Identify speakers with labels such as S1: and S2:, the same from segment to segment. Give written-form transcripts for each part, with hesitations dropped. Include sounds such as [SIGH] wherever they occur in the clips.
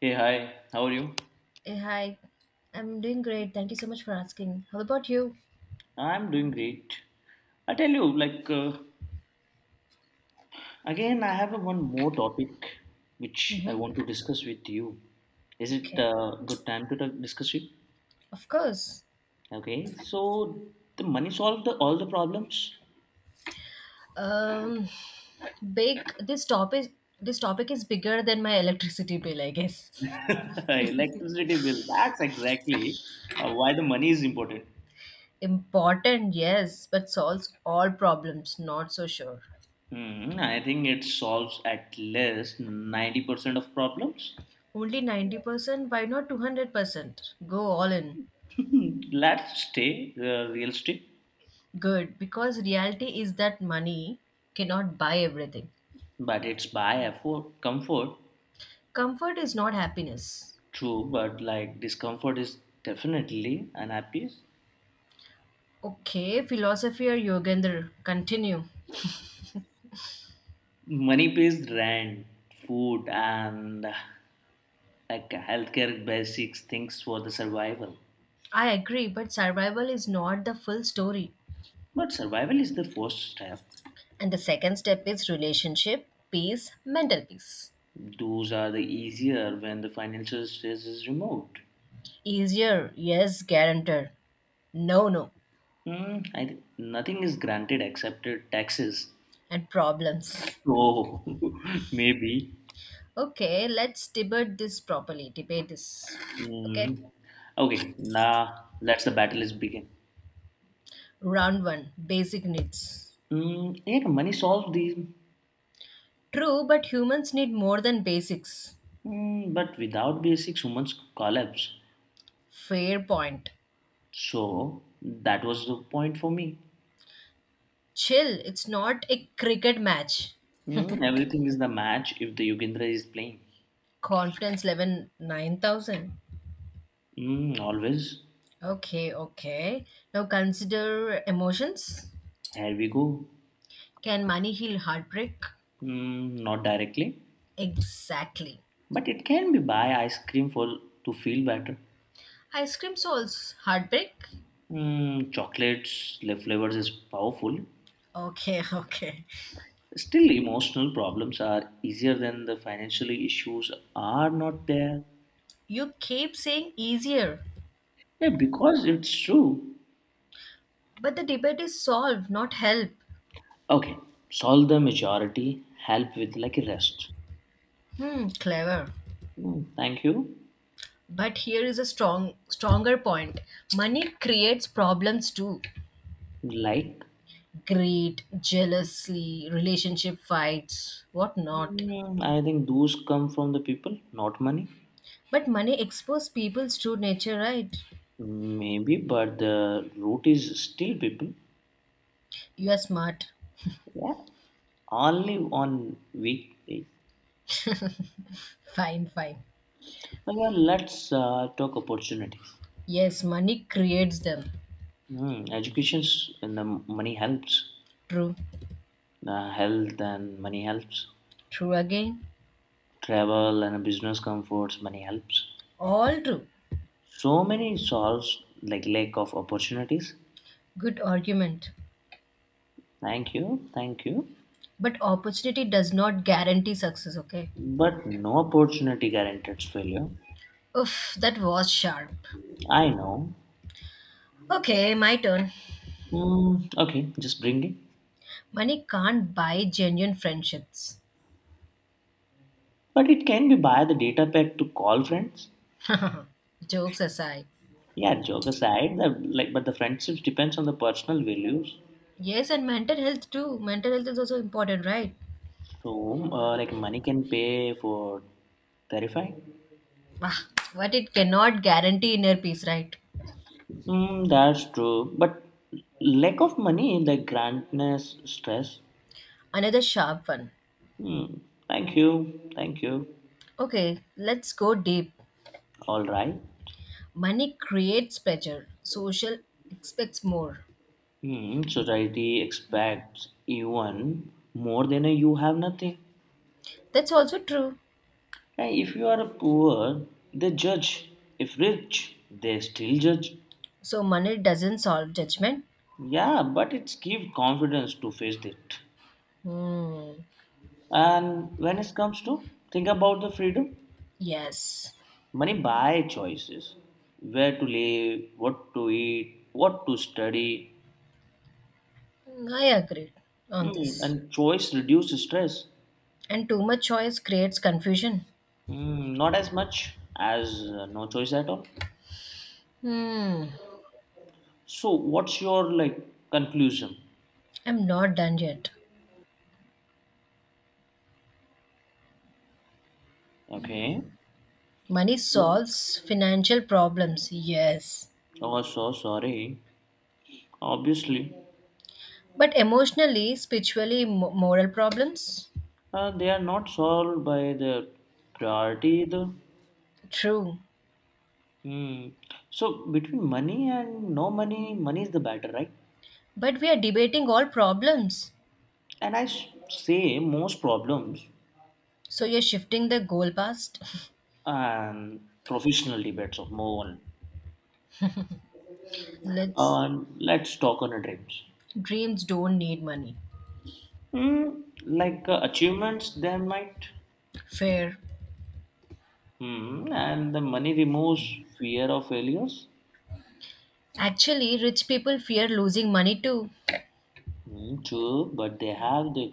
S1: Hey, hi, how are you?
S2: Hey, hi. I'm doing great. Thank you so much for asking. How about you?
S1: I'm doing great. I tell you, again, I have a one more topic which I want to
S2: Mm-hmm.
S1: discuss with you. Is it
S2: Okay.
S1: good time to talk, discuss with?
S2: Of course.
S1: Okay, so the money solved the, all the problems.
S2: Um, big. This topic. This topic is bigger than my electricity bill, I guess.
S1: [LAUGHS] Electricity bill, that's exactly why the money is important.
S2: Important, yes, but solves all problems. Not so sure.
S1: Hmm, I think it solves at least 90% of problems.
S2: Only 90%, why not 200%? Go all in.
S1: [LAUGHS] Let's stay realistic,
S2: Good, because reality is that money cannot buy everything.
S1: but it's by effort, comfort.
S2: Comfort is not happiness.
S1: True, but like discomfort is definitely an appease.
S2: Okay, philosophy or Yogendra, continue.
S1: Money pays rent, food, and like healthcare basics things for the survival.
S2: I agree, but survival is not the full story.
S1: But survival is the first step.
S2: And the second step is relationship, peace, mental peace.
S1: Those are the easier when the financial stress is removed.
S2: Easier, yes, guarantor. No, no,
S1: Nothing is granted except taxes.
S2: and problems.
S1: Oh, [LAUGHS] maybe.
S2: Okay, let's debate this properly. Debate this. Okay?
S1: Hmm. Okay, now let's the battle is begin.
S2: Round one, basic needs.
S1: Mm, yeah, money solves these.
S2: True, but humans need more than basics.
S1: Mm, but without basics, humans collapse.
S2: Fair point.
S1: So that was the point for me.
S2: Chill, it's not a cricket match.
S1: Mm, everything is the match if the Yugendra is playing.
S2: Confidence level 9,000.
S1: Mm, always.
S2: Okay, okay. Now consider emotions.
S1: Here we go.
S2: Can money heal heartbreak?
S1: Mm, not directly.
S2: Exactly.
S1: But it can be buy ice cream for to feel better.
S2: Ice cream solves heartbreak?
S1: Mm, chocolates, left flavors is powerful.
S2: Okay, [LAUGHS] okay.
S1: Still, emotional problems are easier than the financially issues are not there.
S2: You keep saying easier,
S1: Yeah, because it's true.
S2: but the debate is solved, not help.
S1: Okay, solve the majority, help with like rest.
S2: Hmm, clever.
S1: Hmm, thank you.
S2: But here is a strong, stronger point. Money creates problems too.
S1: Like,
S2: Greed, jealousy, relationship fights, what not.
S1: mm, I think those come from the people, not money.
S2: But money exposes people's true nature, right?
S1: Maybe, but the root is still people.
S2: You are smart.
S1: Yeah, only on weekdays.
S2: [LAUGHS] fine, fine.
S1: Okay, let's talk opportunities.
S2: Yes, money creates them.
S1: Hmm, educations and the money helps.
S2: True.
S1: The health and money helps.
S2: True again.
S1: Travel and business comforts, money helps.
S2: All true.
S1: So many solves like lack of opportunities.
S2: Good argument.
S1: Thank you, thank you.
S2: But opportunity does not guarantee success, okay?
S1: But no opportunity guarantees failure.
S2: Oof, that was sharp.
S1: I know.
S2: Okay, my turn.
S1: Hmm. Okay, just bring it.
S2: Money can't buy genuine friendships.
S1: But it can be by the data pack to call friends.
S2: Jokes aside.
S1: Yeah, joke aside the, like but the friendships depends on the personal values.
S2: Yes, and mental health too. Mental health is also important, right?
S1: So like money can pay for terrify.
S2: Ah, but it cannot guarantee inner peace, right?
S1: Mm, that's true. But lack of money, like grandness, stress.
S2: Another sharp one.
S1: Mm, thank you. Thank you.
S2: Okay, let's go deep.
S1: All right.
S2: Money creates pleasure, social expects more.
S1: Hmm, society expects even more than you have nothing.
S2: That's also true.
S1: And if you are poor, they judge. If rich, they still judge.
S2: So, money doesn't solve judgment.
S1: Yeah, but it's give confidence to face it.
S2: Hmm.
S1: And when it comes to think about the freedom,
S2: Yes,
S1: money buy choices, where to live, what to eat, what to study.
S2: I agree on
S1: Hmm,
S2: this.
S1: and choice reduce stress.
S2: And too much choice creates confusion.
S1: Hmm, not as much as no choice at all.
S2: Hmm,
S1: So, what's your like conclusion?
S2: I'm not done yet.
S1: Okay.
S2: Money
S1: So,
S2: solves financial problems, yes.
S1: oh, so sorry. Obviously,
S2: But emotionally, spiritually, moral problems?
S1: they are not solved by the priority either.
S2: True.
S1: Hmm. So, between money and no money, money is the better, right?
S2: But we are debating all problems.
S1: Say most problems
S2: So you're shifting the goal past.
S1: and professional debates of move on.
S2: [LAUGHS] Let's
S1: Let's talk on our dreams.
S2: dreams don't need money.
S1: Hmm. Like achievements, they might.
S2: Fair.
S1: Hmm. And the money removes fear of failures.
S2: Actually, rich people fear losing money too.
S1: Mm, true, but they have the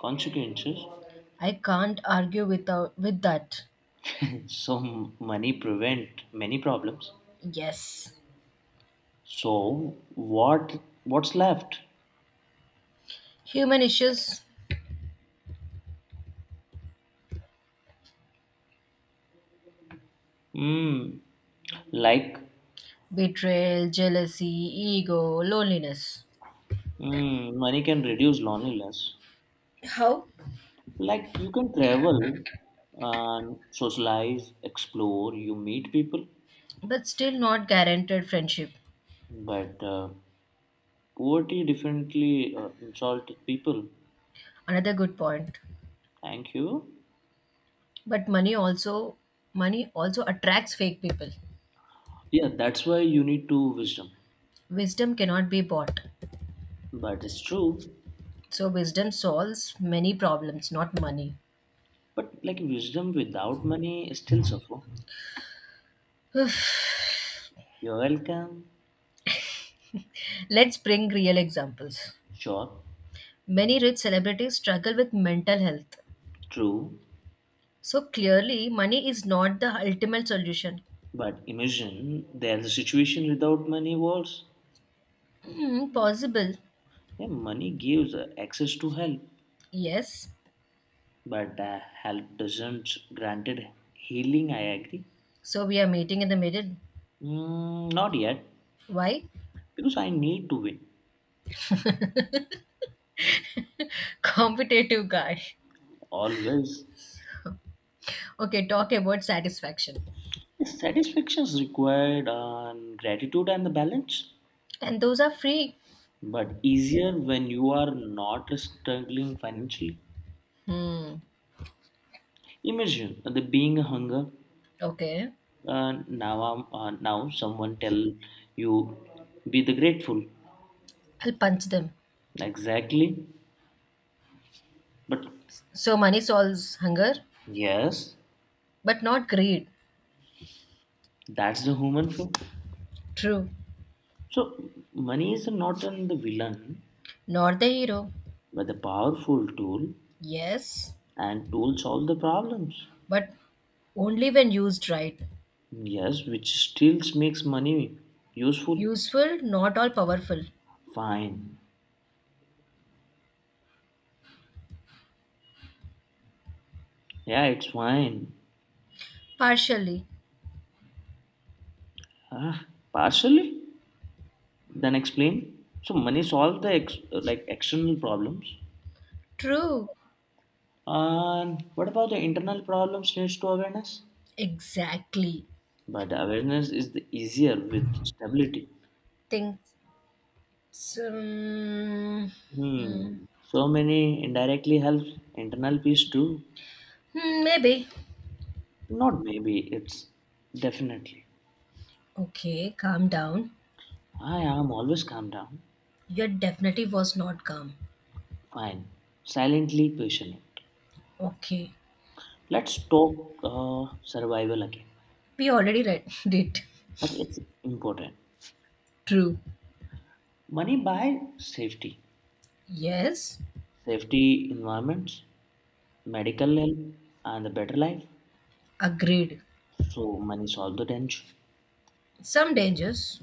S1: consequences.
S2: I can't argue without with that.
S1: [COUGHS] [LAUGHS] So money prevent many problems.
S2: Yes.
S1: So what's left?
S2: Human issues
S1: Mm, like
S2: betrayal, jealousy, ego, loneliness.
S1: mm, money can reduce loneliness.
S2: How?
S1: Like you can travel and socialize, explore, you meet people.
S2: But still not guaranteed friendship.
S1: But poverty definitely insulted people.
S2: Another good point.
S1: Thank you.
S2: But money also attracts fake people.
S1: Yeah, that's why you need to wisdom.
S2: Wisdom cannot be bought.
S1: But it's true.
S2: So wisdom solves many problems, not money.
S1: But like wisdom without money is still suffer. You're welcome,
S2: Let's bring real examples.
S1: sure,
S2: Many rich celebrities struggle with mental health.
S1: true.
S2: So clearly, money is not the ultimate solution.
S1: But imagine there's a situation without money worse.
S2: Hmm, possible,
S1: Yeah, money gives access to help,
S2: yes.
S1: but help doesn't granted healing. I agree.
S2: So we are meeting in the middle.
S1: Mm, not yet,
S2: Why?
S1: because I need to win
S2: [LAUGHS] Competitive guy.
S1: always.
S2: Okay, talk about satisfaction.
S1: Satisfaction is required on gratitude and the balance,
S2: And those are free.
S1: but easier when you are not struggling financially.
S2: Hmm,
S1: Imagine the being a hunger.
S2: okay.
S1: Now someone tell you be the grateful.
S2: I'll punch them.
S1: Exactly. But
S2: So money solves hunger,
S1: yes,
S2: but not greed.
S1: that's the human flow.
S2: True.
S1: So money is not an the villain,
S2: Not the hero.
S1: but the powerful tool,
S2: Yes,
S1: and tool solve the problems.
S2: but only when used right.
S1: Yes, which still makes money useful.
S2: Useful, not all powerful.
S1: Fine. Yeah, it's fine.
S2: Partially.
S1: Ah, partially. Then explain. So money solve the ex- Like external problems.
S2: True.
S1: And what about the internal problems needs to awareness?
S2: Exactly.
S1: But awareness is the easier with stability.
S2: Think. Um, mm,
S1: Hmm. So many indirectly help internal peace too.
S2: hmm, maybe.
S1: Not maybe, it's definitely.
S2: Okay, calm down.
S1: I am always calm down.
S2: Your definitely was not calm.
S1: Fine. Silently passionate.
S2: Okay.
S1: Let's talk survival again.
S2: We already read [LAUGHS] it.
S1: But it's important.
S2: True.
S1: Money buy safety.
S2: Yes.
S1: Safety environments, medical help, and a better life.
S2: Agreed.
S1: So money solve the tension.
S2: Some dangers,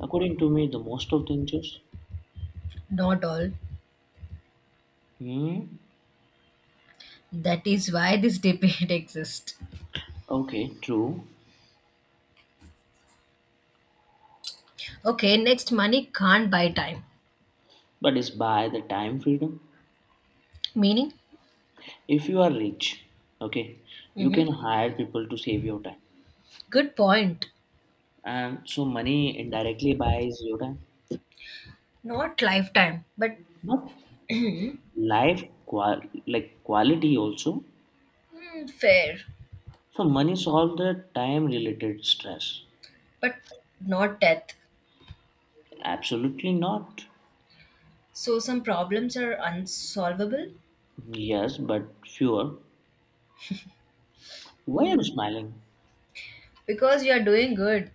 S1: According to me, the most of dangers.
S2: not all.
S1: Hmm.
S2: That is why this [LAUGHS] debate exists.
S1: Okay, true.
S2: Okay, next money can't buy time.
S1: But it's by the time freedom.
S2: Meaning?
S1: If you are rich, okay, you can
S2: Hmm.
S1: hire people to save your time.
S2: Good point.
S1: And so money indirectly buys your time.
S2: Not lifetime, but
S1: Not Life qual like quality also.
S2: hmm, fair,
S1: So money solves the time related stress.
S2: but not death.
S1: Absolutely not.
S2: So some problems are unsolvable
S1: Yes, but fewer. Why are you smiling?
S2: because you are doing good.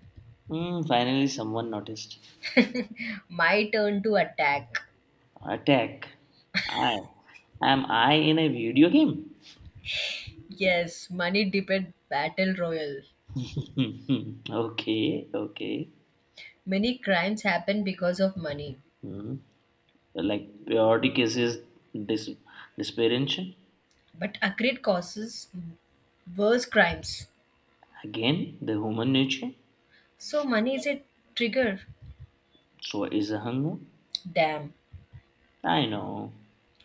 S1: Hmm, finally someone noticed.
S2: My turn to attack.
S1: Attack. I Am I in a video game?
S2: Yes, money debate battle royal.
S1: [LAUGHS] Okay, okay.
S2: Many crimes happen because of money,
S1: Hmm. Like periodic is his dis- desperation.
S2: but accurate causes worse crimes.
S1: Again, the human nature.
S2: So money is a trigger.
S1: So is a hunger.
S2: Damn.
S1: I know.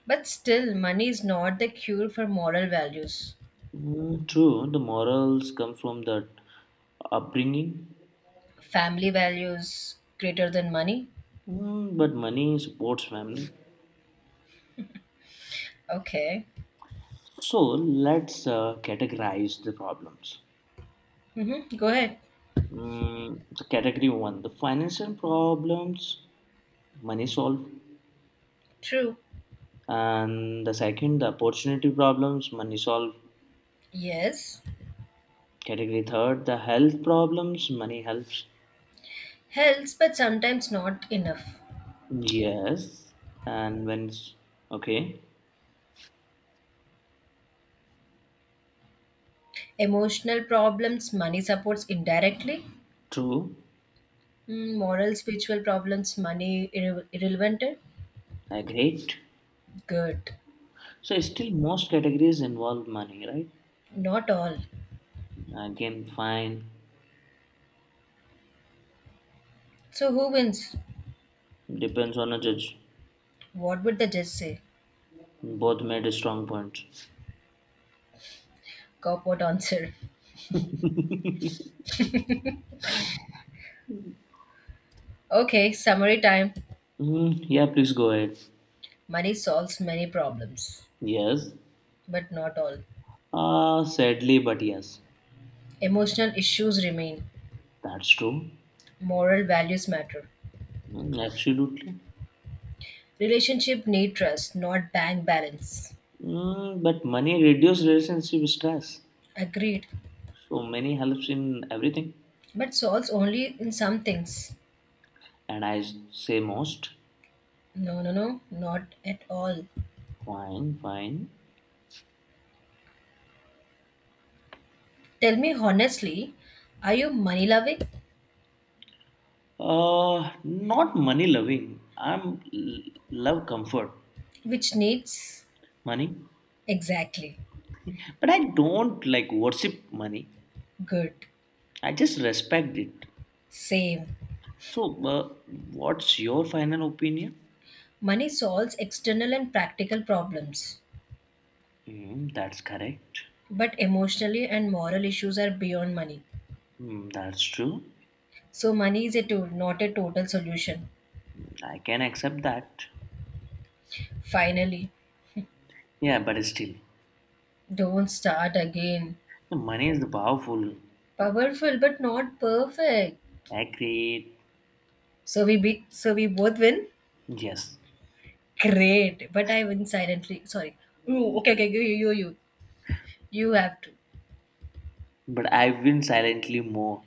S2: But still, money is not the cure for moral values.
S1: Hmm, true, the morals come from that upbringing.
S2: Family values greater than money.
S1: Hmm, but money supports family.
S2: Okay.
S1: So let's categorize the problems.
S2: Mm-hmm. Go ahead.
S1: Mm, category one, the financial problems money solve.
S2: True.
S1: And the second the opportunity problems money solve.
S2: Yes,
S1: Category third the health problems money helps,
S2: helps, but sometimes not enough.
S1: yes. And when okay.
S2: Emotional problems, money supports indirectly.
S1: True.
S2: Mm, moral, spiritual problems, money irrelevant.
S1: Agreed.
S2: Good.
S1: So still most categories involve money, right?
S2: Not all.
S1: Again, fine.
S2: So who wins?
S1: Depends on a judge.
S2: What would the judge say?
S1: Both made a strong point.
S2: Cop would answer. Okay, summary time.
S1: Mm, yeah, please go ahead.
S2: Money solves many problems,
S1: Yes.
S2: but not all.
S1: Uh, sadly but yes.
S2: Emotional issues remain.
S1: That's true.
S2: Moral values matter.
S1: Mm, absolutely.
S2: Relationship need trust, not bank balance.
S1: Mm, but money reduces relationship stress.
S2: Agreed.
S1: So money helps in everything.
S2: But solves only in some things.
S1: And I say most.
S2: No, no, no, not at all.
S1: Fine, fine.
S2: Tell me honestly, are you money loving?
S1: Not money loving. Love comfort,
S2: Which needs?
S1: money.
S2: Exactly.
S1: But I don't like worship money.
S2: Good.
S1: I just respect it.
S2: Same.
S1: So, uh, what's your final opinion?
S2: Money solves external and practical problems,
S1: Mm, that's correct.
S2: but emotionally and moral issues are beyond money.
S1: Mm, that's true.
S2: So, money is a tool, not a total solution.
S1: I can accept that.
S2: Finally,
S1: Yeah, but still,
S2: don't start again.
S1: the money is the powerful.
S2: Powerful, but not perfect.
S1: Accurate.
S2: So we both win.
S1: Yes,
S2: Great, but I went silently. Sorry. Ooh, okay, okay, you have to.
S1: but I've been silently more.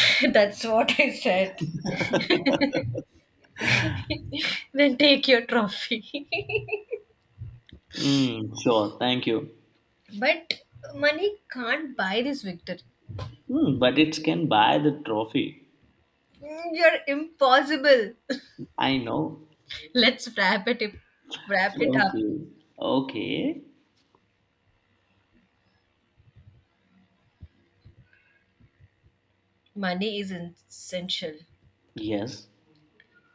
S2: [LAUGHS] That's what I said. Then take your trophy.
S1: Mm, sure, thank you.
S2: [LAUGHS] but money can't buy this victory.
S1: Mm, but it can buy the trophy.
S2: Mm, you're impossible. [LAUGHS]
S1: I know.
S2: Let's wrap it up.
S1: Okay. Okay.
S2: Money is essential,
S1: Yes,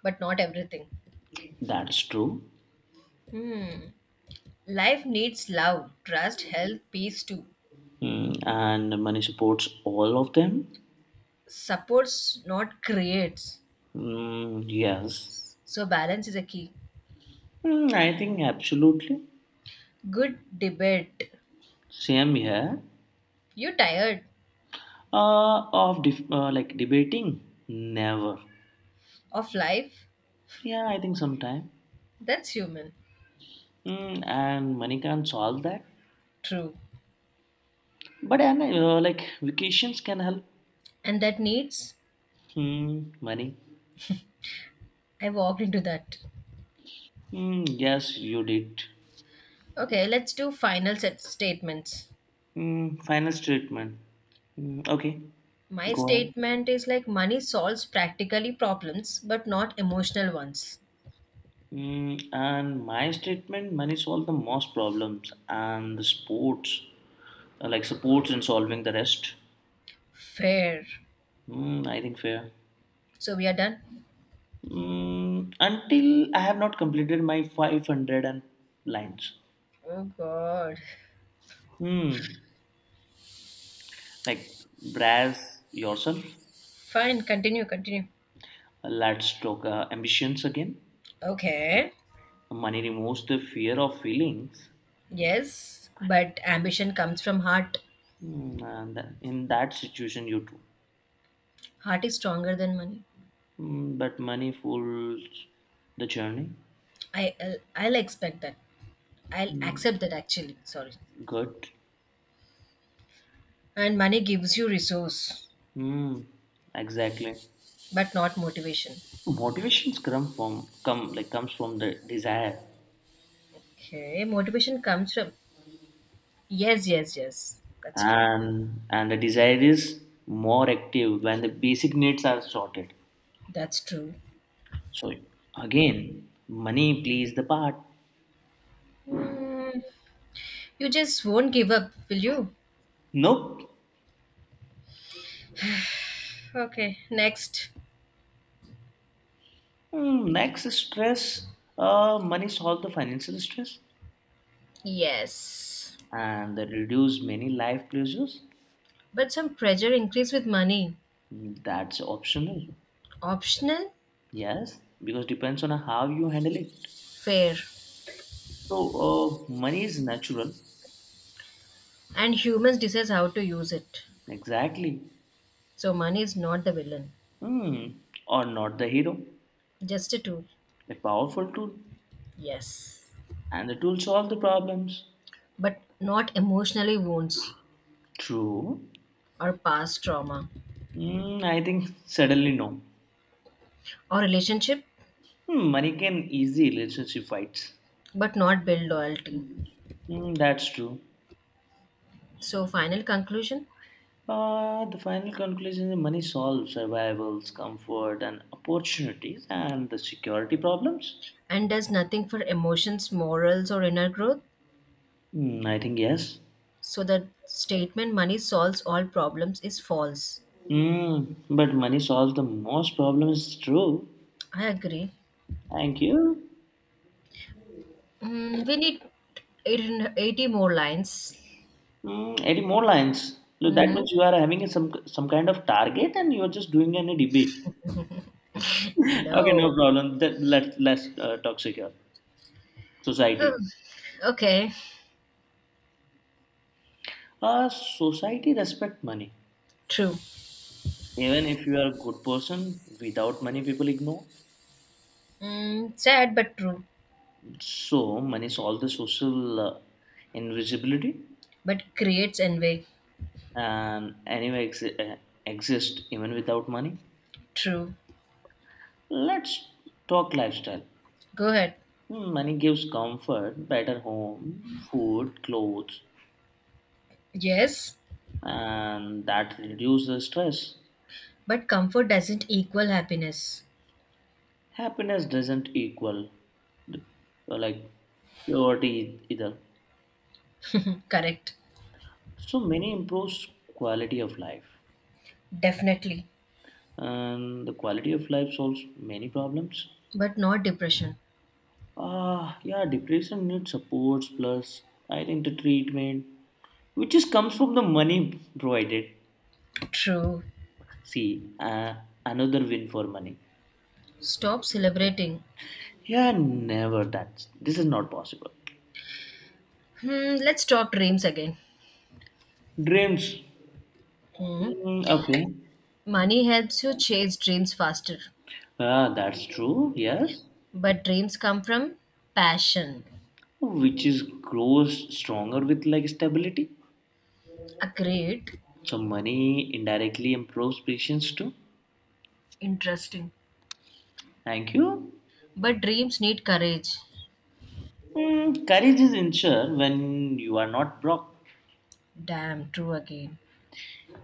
S2: but not everything.
S1: that's true.
S2: Hmm. Life needs love, trust, health, peace too.
S1: Mm, and money supports all of them?
S2: Supports, not creates.
S1: Mm, yes.
S2: So balance is a key.
S1: Mm, I think absolutely.
S2: Good debate.
S1: Same here.
S2: You're tired
S1: Like debating? Never.
S2: of life?
S1: Yeah, I think sometime.
S2: That's human.
S1: Mm, and money can't solve that.
S2: True.
S1: But and like vacations can help.
S2: And that needs,
S1: Hmm, money.
S2: I walked into that.
S1: Hmm, yes, you did.
S2: Okay, let's do final set statements.
S1: Hmm, final statement. Hmm, okay,
S2: My
S1: go ahead.
S2: statement is like money solves practically problems, but not emotional ones.
S1: Hmm, and my statement: money solve the most problems, and the sports, like supports in solving the rest.
S2: Fair.
S1: Hmm, I think fair.
S2: So we are done?
S1: Hmm, until I have not completed my 500 and lines.
S2: Oh god.
S1: Hmm, like brass yourself.
S2: Fine, continue, continue.
S1: Let's talk ambitions again.
S2: Okay.
S1: Money removes the fear of feelings.
S2: Yes, but ambition comes from heart.
S1: In that situation, you do.
S2: Heart is stronger than money.
S1: Mm, but money fools the journey.
S2: I'll expect that. I'll
S1: Mm,
S2: accept that actually. Sorry.
S1: good.
S2: And money gives you resource
S1: Mm, exactly.
S2: but not motivation.
S1: Motivations come from come like comes from the desire,
S2: Okay, motivation comes from yes, yes, yes, that's true.
S1: and the desire is more active when the basic needs are sorted.
S2: That's true.
S1: So again, money plays the part.
S2: Hmm. You just won't give up will you?
S1: Nope.
S2: Okay, next.
S1: Mm, next is stress. Money solve the financial stress.
S2: Yes,
S1: And reduce many life pressures.
S2: but some pressure increase with money.
S1: That's optional.
S2: Optional.
S1: Yes, because depends on how you handle it.
S2: Fair.
S1: So money is natural.
S2: And humans decides how to use it.
S1: Exactly.
S2: So money is not the villain,
S1: Hmm. Or not the hero.
S2: just a tool.
S1: A powerful tool.
S2: Yes,
S1: And the tool solve the problems.
S2: but not emotionally wounds
S1: True.
S2: or past trauma
S1: Hmm. I think suddenly no.
S2: or relationship,
S1: Hmm, money can easy relationship fights.
S2: but not build loyalty.
S1: Hmm, that's true.
S2: So, final conclusion
S1: The final conclusion is money solves survivals, comfort, and opportunities, and the security problems.
S2: and does nothing for emotions, morals, or inner growth.
S1: Hmm, I think yes.
S2: So, the statement money solves all problems is false.
S1: Mm, but money solves the most problems. True.
S2: I agree.
S1: Thank you.
S2: Mm, we need 80 more lines.
S1: Mm, any more lines? Look, that
S2: Hmm.
S1: means you are having some kind of target, and you are just doing any debate. [LAUGHS] Okay, no
S2: No.
S1: problem. That, let's talk secure
S2: [SIGHS]
S1: society.
S2: Hmm. Okay,
S1: Society respect money.
S2: true.
S1: Even if you are a good person, without money, people ignore.
S2: Mm, sad but true.
S1: So money solve the social invisibility
S2: But creates envy.
S1: and anyway exist even without money.
S2: True.
S1: Let's talk lifestyle.
S2: Go ahead.
S1: Money gives comfort, better home, food, clothes,
S2: Yes,
S1: and that reduces stress.
S2: but comfort doesn't equal happiness.
S1: Happiness doesn't equal the, like poverty either.
S2: [LAUGHS] Correct.
S1: So money improves quality of life,
S2: Definitely.
S1: and the quality of life solves many problems.
S2: But not depression.
S1: Ah, yeah, depression needs supports plus I think the treatment, which is comes from the money provided.
S2: True.
S1: See, another win for money.
S2: Stop celebrating.
S1: Yeah, never that. This is not possible.
S2: Hmm, let's talk dreams again.
S1: Dreams.
S2: Hmm.
S1: Hmm, okay.
S2: Money helps you chase dreams faster,
S1: Ah, that's true. Yes,
S2: but dreams come from passion.
S1: which is grows stronger with like stability.
S2: Agreed.
S1: So money indirectly improves patience too.
S2: Interesting.
S1: Thank you.
S2: But dreams need courage.
S1: Hmm, courage is ensured when you are not broke.
S2: Damn, true again.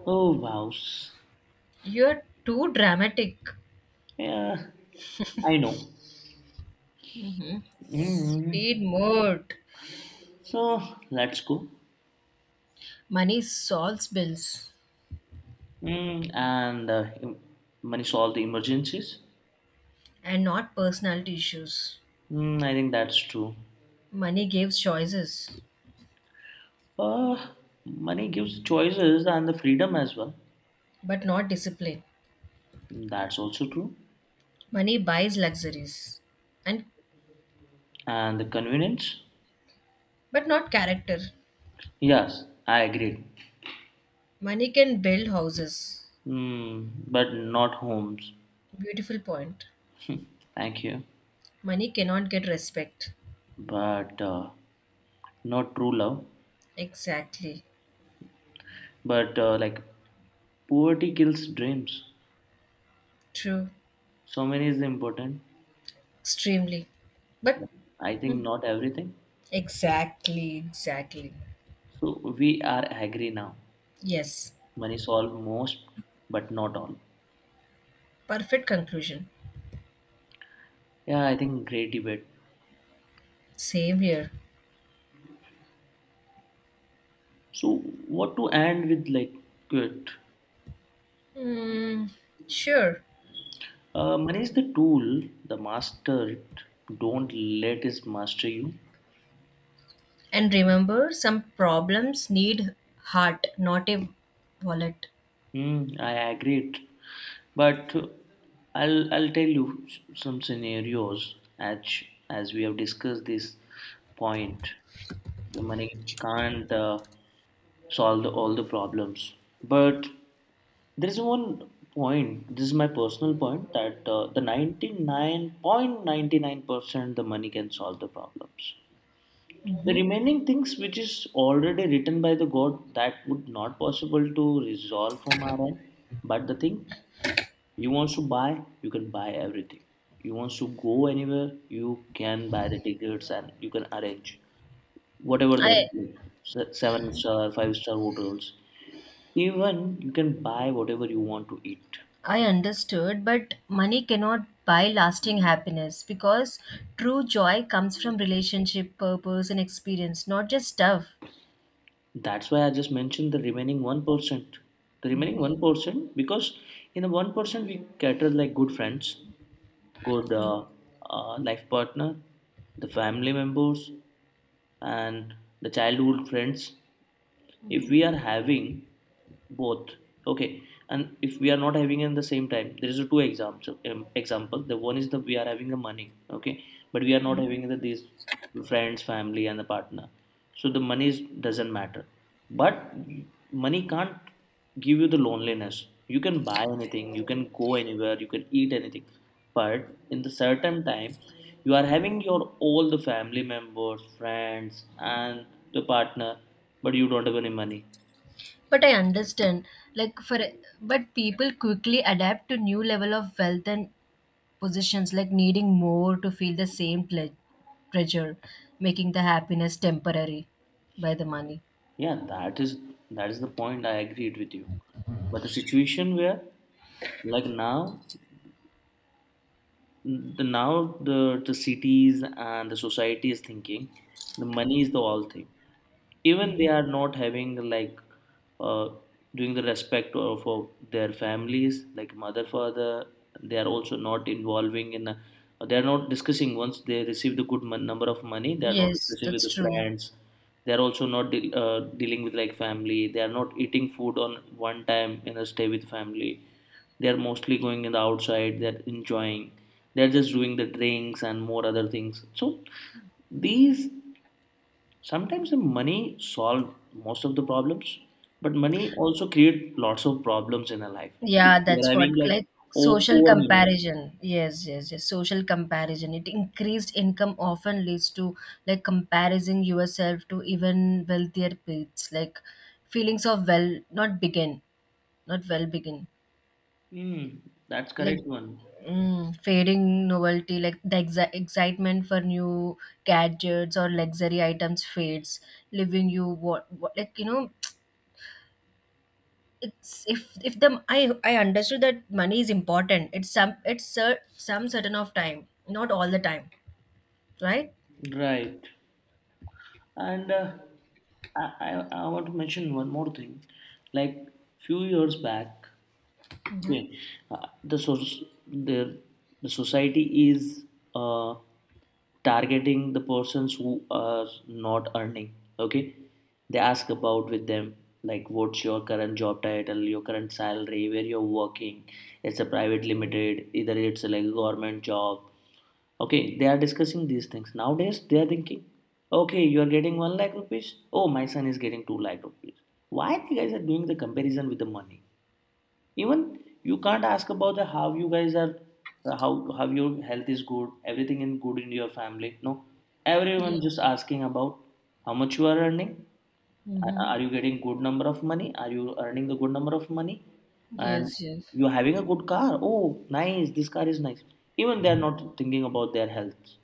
S1: Oh wow.
S2: You're too dramatic.
S1: Yeah, I know.
S2: Hmm.
S1: Mm.
S2: Speed mode.
S1: So let's go.
S2: Money solves bills
S1: Mm, and uh, em- Money solve the emergencies.
S2: and not personality issues.
S1: Mm, I think that's true.
S2: Money gives choices,
S1: Uh, money gives choices and the freedom as well.
S2: but not discipline.
S1: Mm, that's also true.
S2: Money buys luxuries and
S1: And the convenience.
S2: but not character.
S1: Yes, I agree.
S2: Money can build houses.
S1: Mm, but not homes.
S2: Beautiful point.
S1: Thank you.
S2: Money cannot get respect.
S1: But not true love.
S2: Exactly.
S1: But like poverty kills dreams.
S2: True.
S1: So many is important.
S2: Extremely. But
S1: But I think
S2: hmm,
S1: not everything.
S2: exactly, exactly.
S1: So we are agree now.
S2: Yes.
S1: Money solve most, but not all.
S2: Perfect conclusion.
S1: Yeah, I think great debate.
S2: Same here.
S1: So what to end with like good?
S2: Hmm. Sure.
S1: Money is the tool, the master. It. Don't let it master you.
S2: And remember, some problems need heart, not a wallet.
S1: Hmm, I agree. It. But I'll tell you some scenarios as we have discussed this point. Okay, money can't solve all the problems, but there is one point. This is my personal point that the 99.99% the money can solve the problems. The
S2: Hmm.
S1: remaining things, which is already written by the god, that would not possible to resolve from our end. But the thing you want to buy, you can buy everything. You want to go anywhere, you can buy the tickets and you can arrange whatever
S2: I
S1: the seven star five-star hotels. Even you can buy whatever you want to eat.
S2: I understood, but money cannot buy lasting happiness because true joy comes from relationship, purpose, and experience, not just stuff.
S1: That's why I just mentioned the remaining 1%. The remaining 1%, because in the 1% we cater like good friends, good life partner, the family members, and the childhood friends. If we are having both, okay, and if we are not having in the same time, there is a two exams example. The one is the we are having the money, okay, but we are not having the these friends, family and the partner. So the money is, doesn't matter. But money can't give you the loneliness. You can buy anything, you can go anywhere, you can eat anything. But in the certain time you are having your all the family members, friends, and the partner, but you don't have any money.
S2: But I understand, like for but people quickly adapt to new level of wealth and positions, like needing more to feel the same pleasure, making the happiness temporary by the money.
S1: Yeah, that is the point. I agreed with you. But the situation where, like now, the cities and the society is thinking the money is the all thing. Even they are not having like uh, doing the respect of their families like mother father. They are also not involving in a, they are not discussing once they receive the good number of money. They are not
S2: Yes,
S1: discussing with
S2: that's
S1: the
S2: true.
S1: friends. They are also not dealing with like family. They are not eating food on one time in a stay with family. They are mostly going in the outside. They're enjoying. They're just doing the drinks and more other things, so these. Sometimes the money solve most of the problems, but money also create lots of problems in our life.
S2: Yeah,
S1: We are
S2: that's what
S1: having like
S2: like social
S1: over money.
S2: comparison. Yes, yes, yes. Social comparison. It increased income often leads to like comparing yourself to even wealthier peers. Like feelings of well, not begin, not well begin.
S1: Hmm, that's
S2: Like
S1: correct one.
S2: mm, fading novelty, like the excitement for new gadgets or luxury items fades, leaving you what like you know it's if if the I understood that money is important. It's some it's some certain of time, not all the time, right?
S1: Right. And I, I want to mention one more thing. Like few years back,
S2: Hmm.
S1: yeah. Uh, the source the the society is uh, targeting the persons who are not earning. Okay, they ask about with them like what's your current job title, your current salary, where you're working. It's a private limited, either it's like a government job. Okay, they are discussing these things nowadays. They are thinking, okay, you are getting 1 lakh rupees. Oh, my son is getting 2 lakh rupees. Why you guys are doing the comparison with the money? Even you can't ask about the how you guys are, how how your health is good, everything in good in your family, no. Everyone
S2: Yeah.
S1: just asking about how much you are earning. Are
S2: Mm-hmm.
S1: are you getting good number of money? Are you earning a good number of money? And
S2: Yes, yes.
S1: you're having a good car. Oh, nice! This car is nice. Even they are not thinking about their health.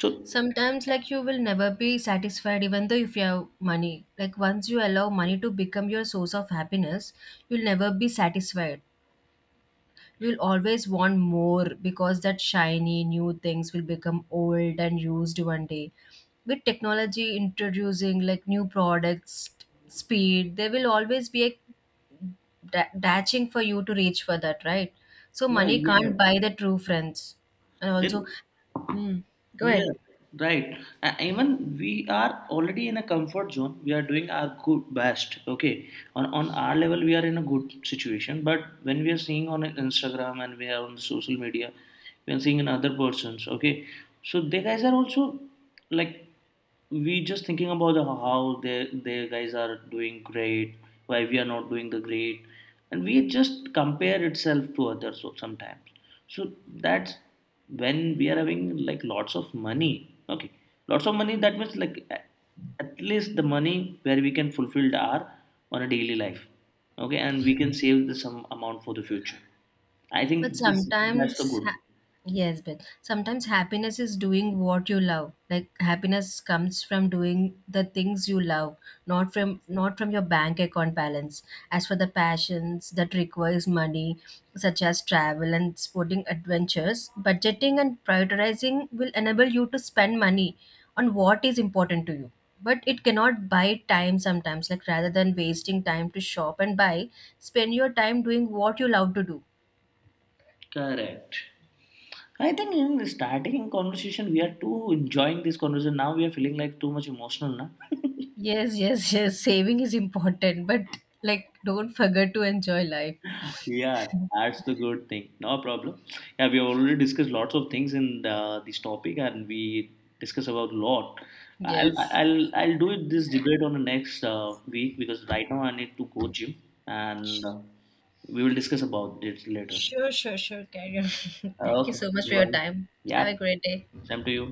S1: So
S2: Sometimes like you will never be satisfied even though if you have money. Like once you allow money to become your source of happiness, you'll never be satisfied. We'll always want more because that shiny new things will become old and used one day with technology introducing like new products speed there will always be a dashing for you to reach for that right. So
S1: yeah,
S2: money
S1: yeah.
S2: can't buy the true friends and
S1: It.
S2: also mm, go ahead
S1: Yeah, right. Even we are already in a comfort zone. We are doing our good best. Okay, on our level, we are in a good situation. But when we are seeing on Instagram and we are on the social media, we are seeing in other persons. Okay, so they guys are also, like, we just thinking about the, how they guys are doing great, why we are not doing the great. And we just compare itself to others, sometimes. So that's when we are having like lots of money, okay, lots of money. That means like at least the money where we can fulfill our on a daily life, okay, and we can save the some amount for the future. I
S2: but
S1: think this, that's the
S2: sometimes
S1: good.
S2: yes, but sometimes happiness is doing what you love. Like happiness comes from doing the things you love, not from not from your bank account balance. As for the passions that requires money, such as travel and sporting adventures, budgeting and prioritizing will enable you to spend money on what is important to you. But it cannot buy time sometimes. Like rather than wasting time to shop and buy, spend your time doing what you love to do.
S1: Correct. I think in the starting conversation, we are too enjoying this conversation. Now we are feeling like too much emotional, na?
S2: Yes, yes, yes. Saving is important, but like don't forget to enjoy life. [LAUGHS]
S1: Yeah, that's the good thing. No problem. Yeah, we have already discussed lots of things in the, this topic, and we discuss about lot. I'll
S2: Yes.
S1: I'll do it this debate on the next week, because right now I need to go gym, and we will discuss about it later.
S2: Sure, sure, sure. Carry on. [LAUGHS] Thank you
S1: Okay.
S2: so much for your
S1: Bye.
S2: time.
S1: Yeah.
S2: Have a great day.
S1: Same to you.